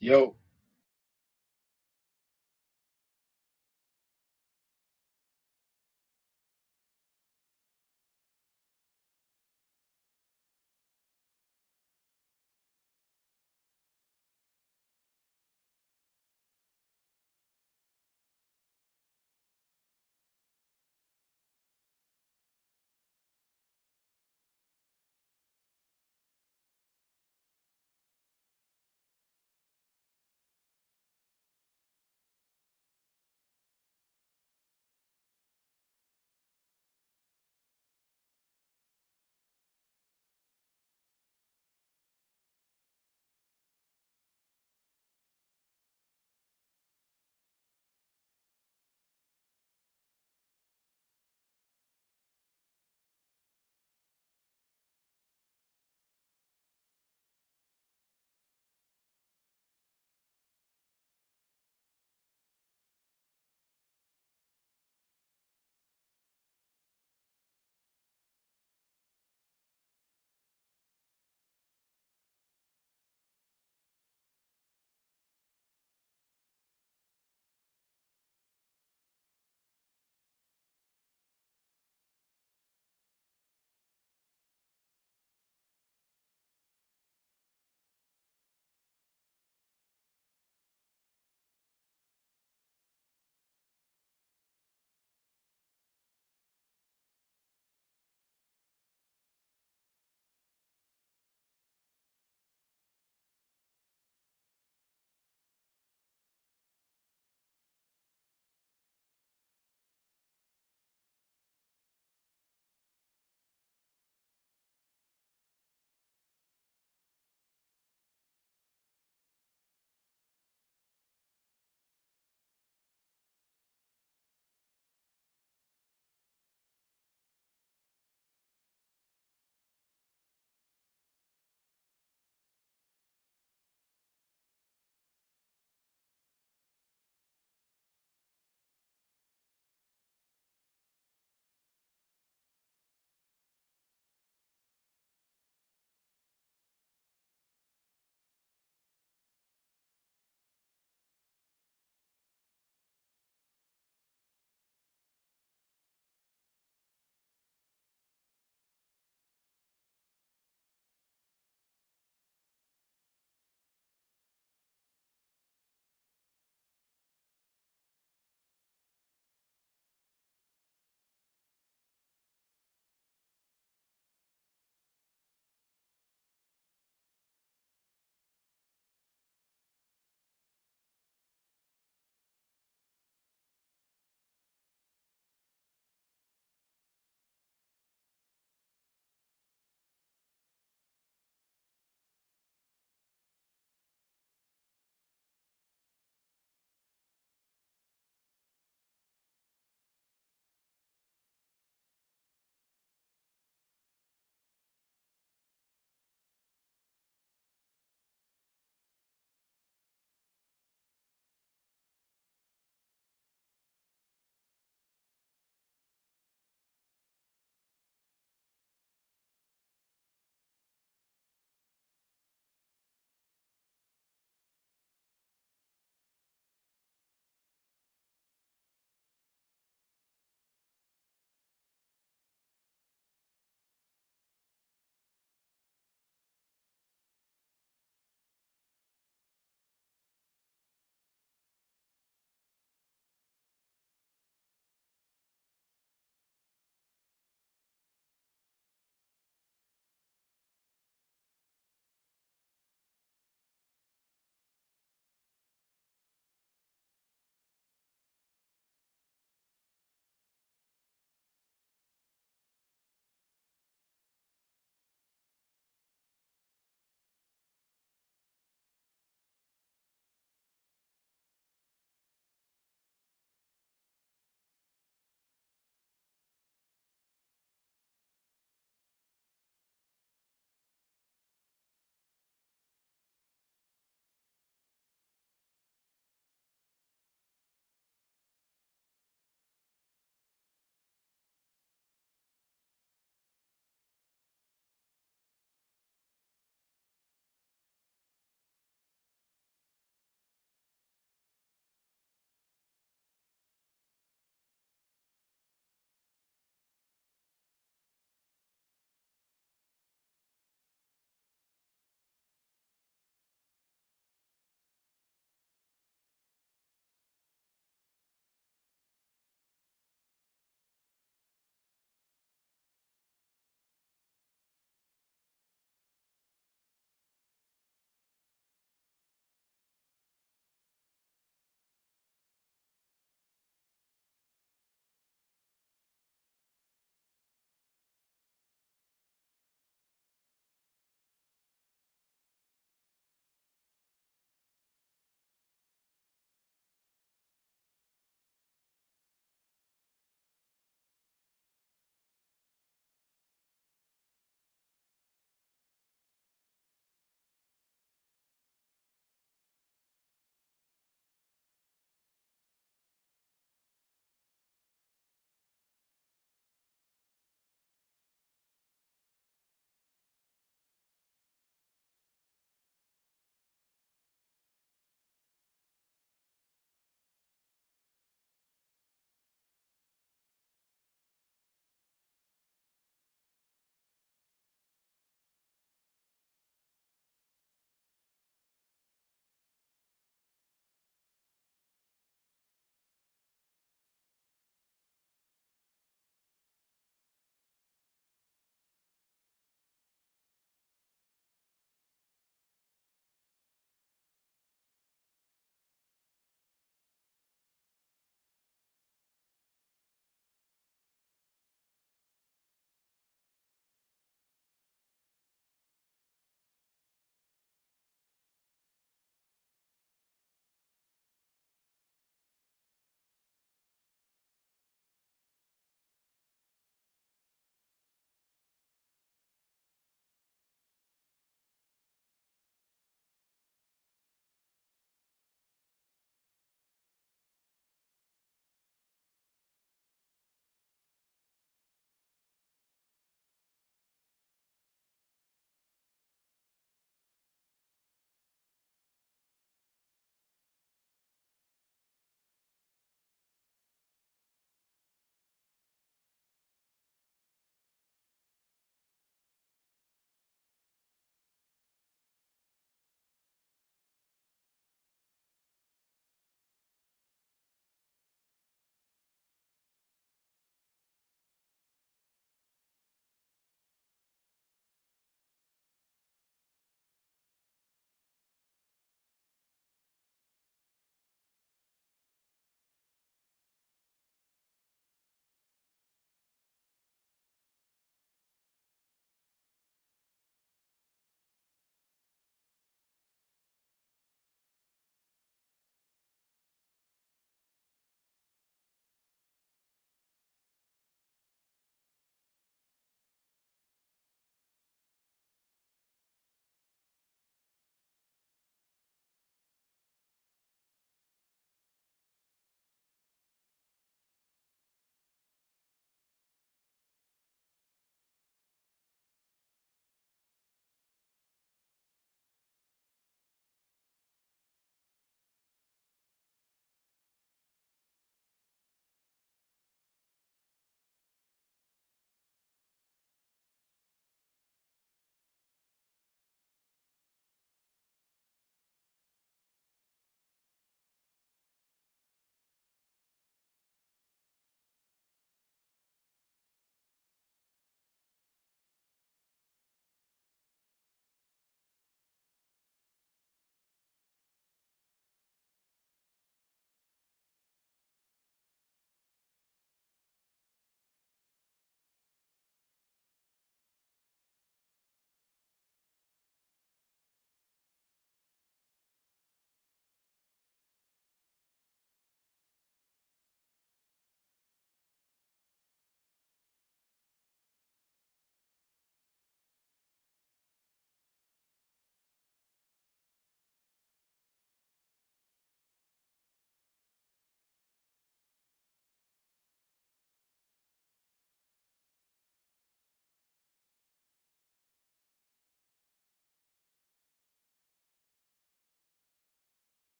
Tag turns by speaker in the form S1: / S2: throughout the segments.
S1: Yo.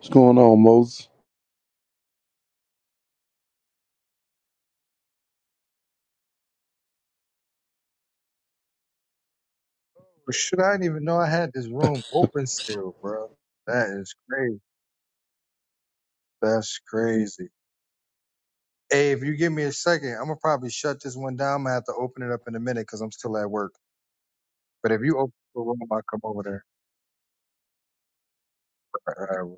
S2: What's going on, Moses?
S3: Well, shoot, I didn't even know I had this room open still, bro. That is crazy. That's crazy. Hey, if you give me a second, I'm gonna probably shut this one down. I'm gonna have to open it up in a minute because I'm still at work. But if you open the room, I'll come over there. All right, all right.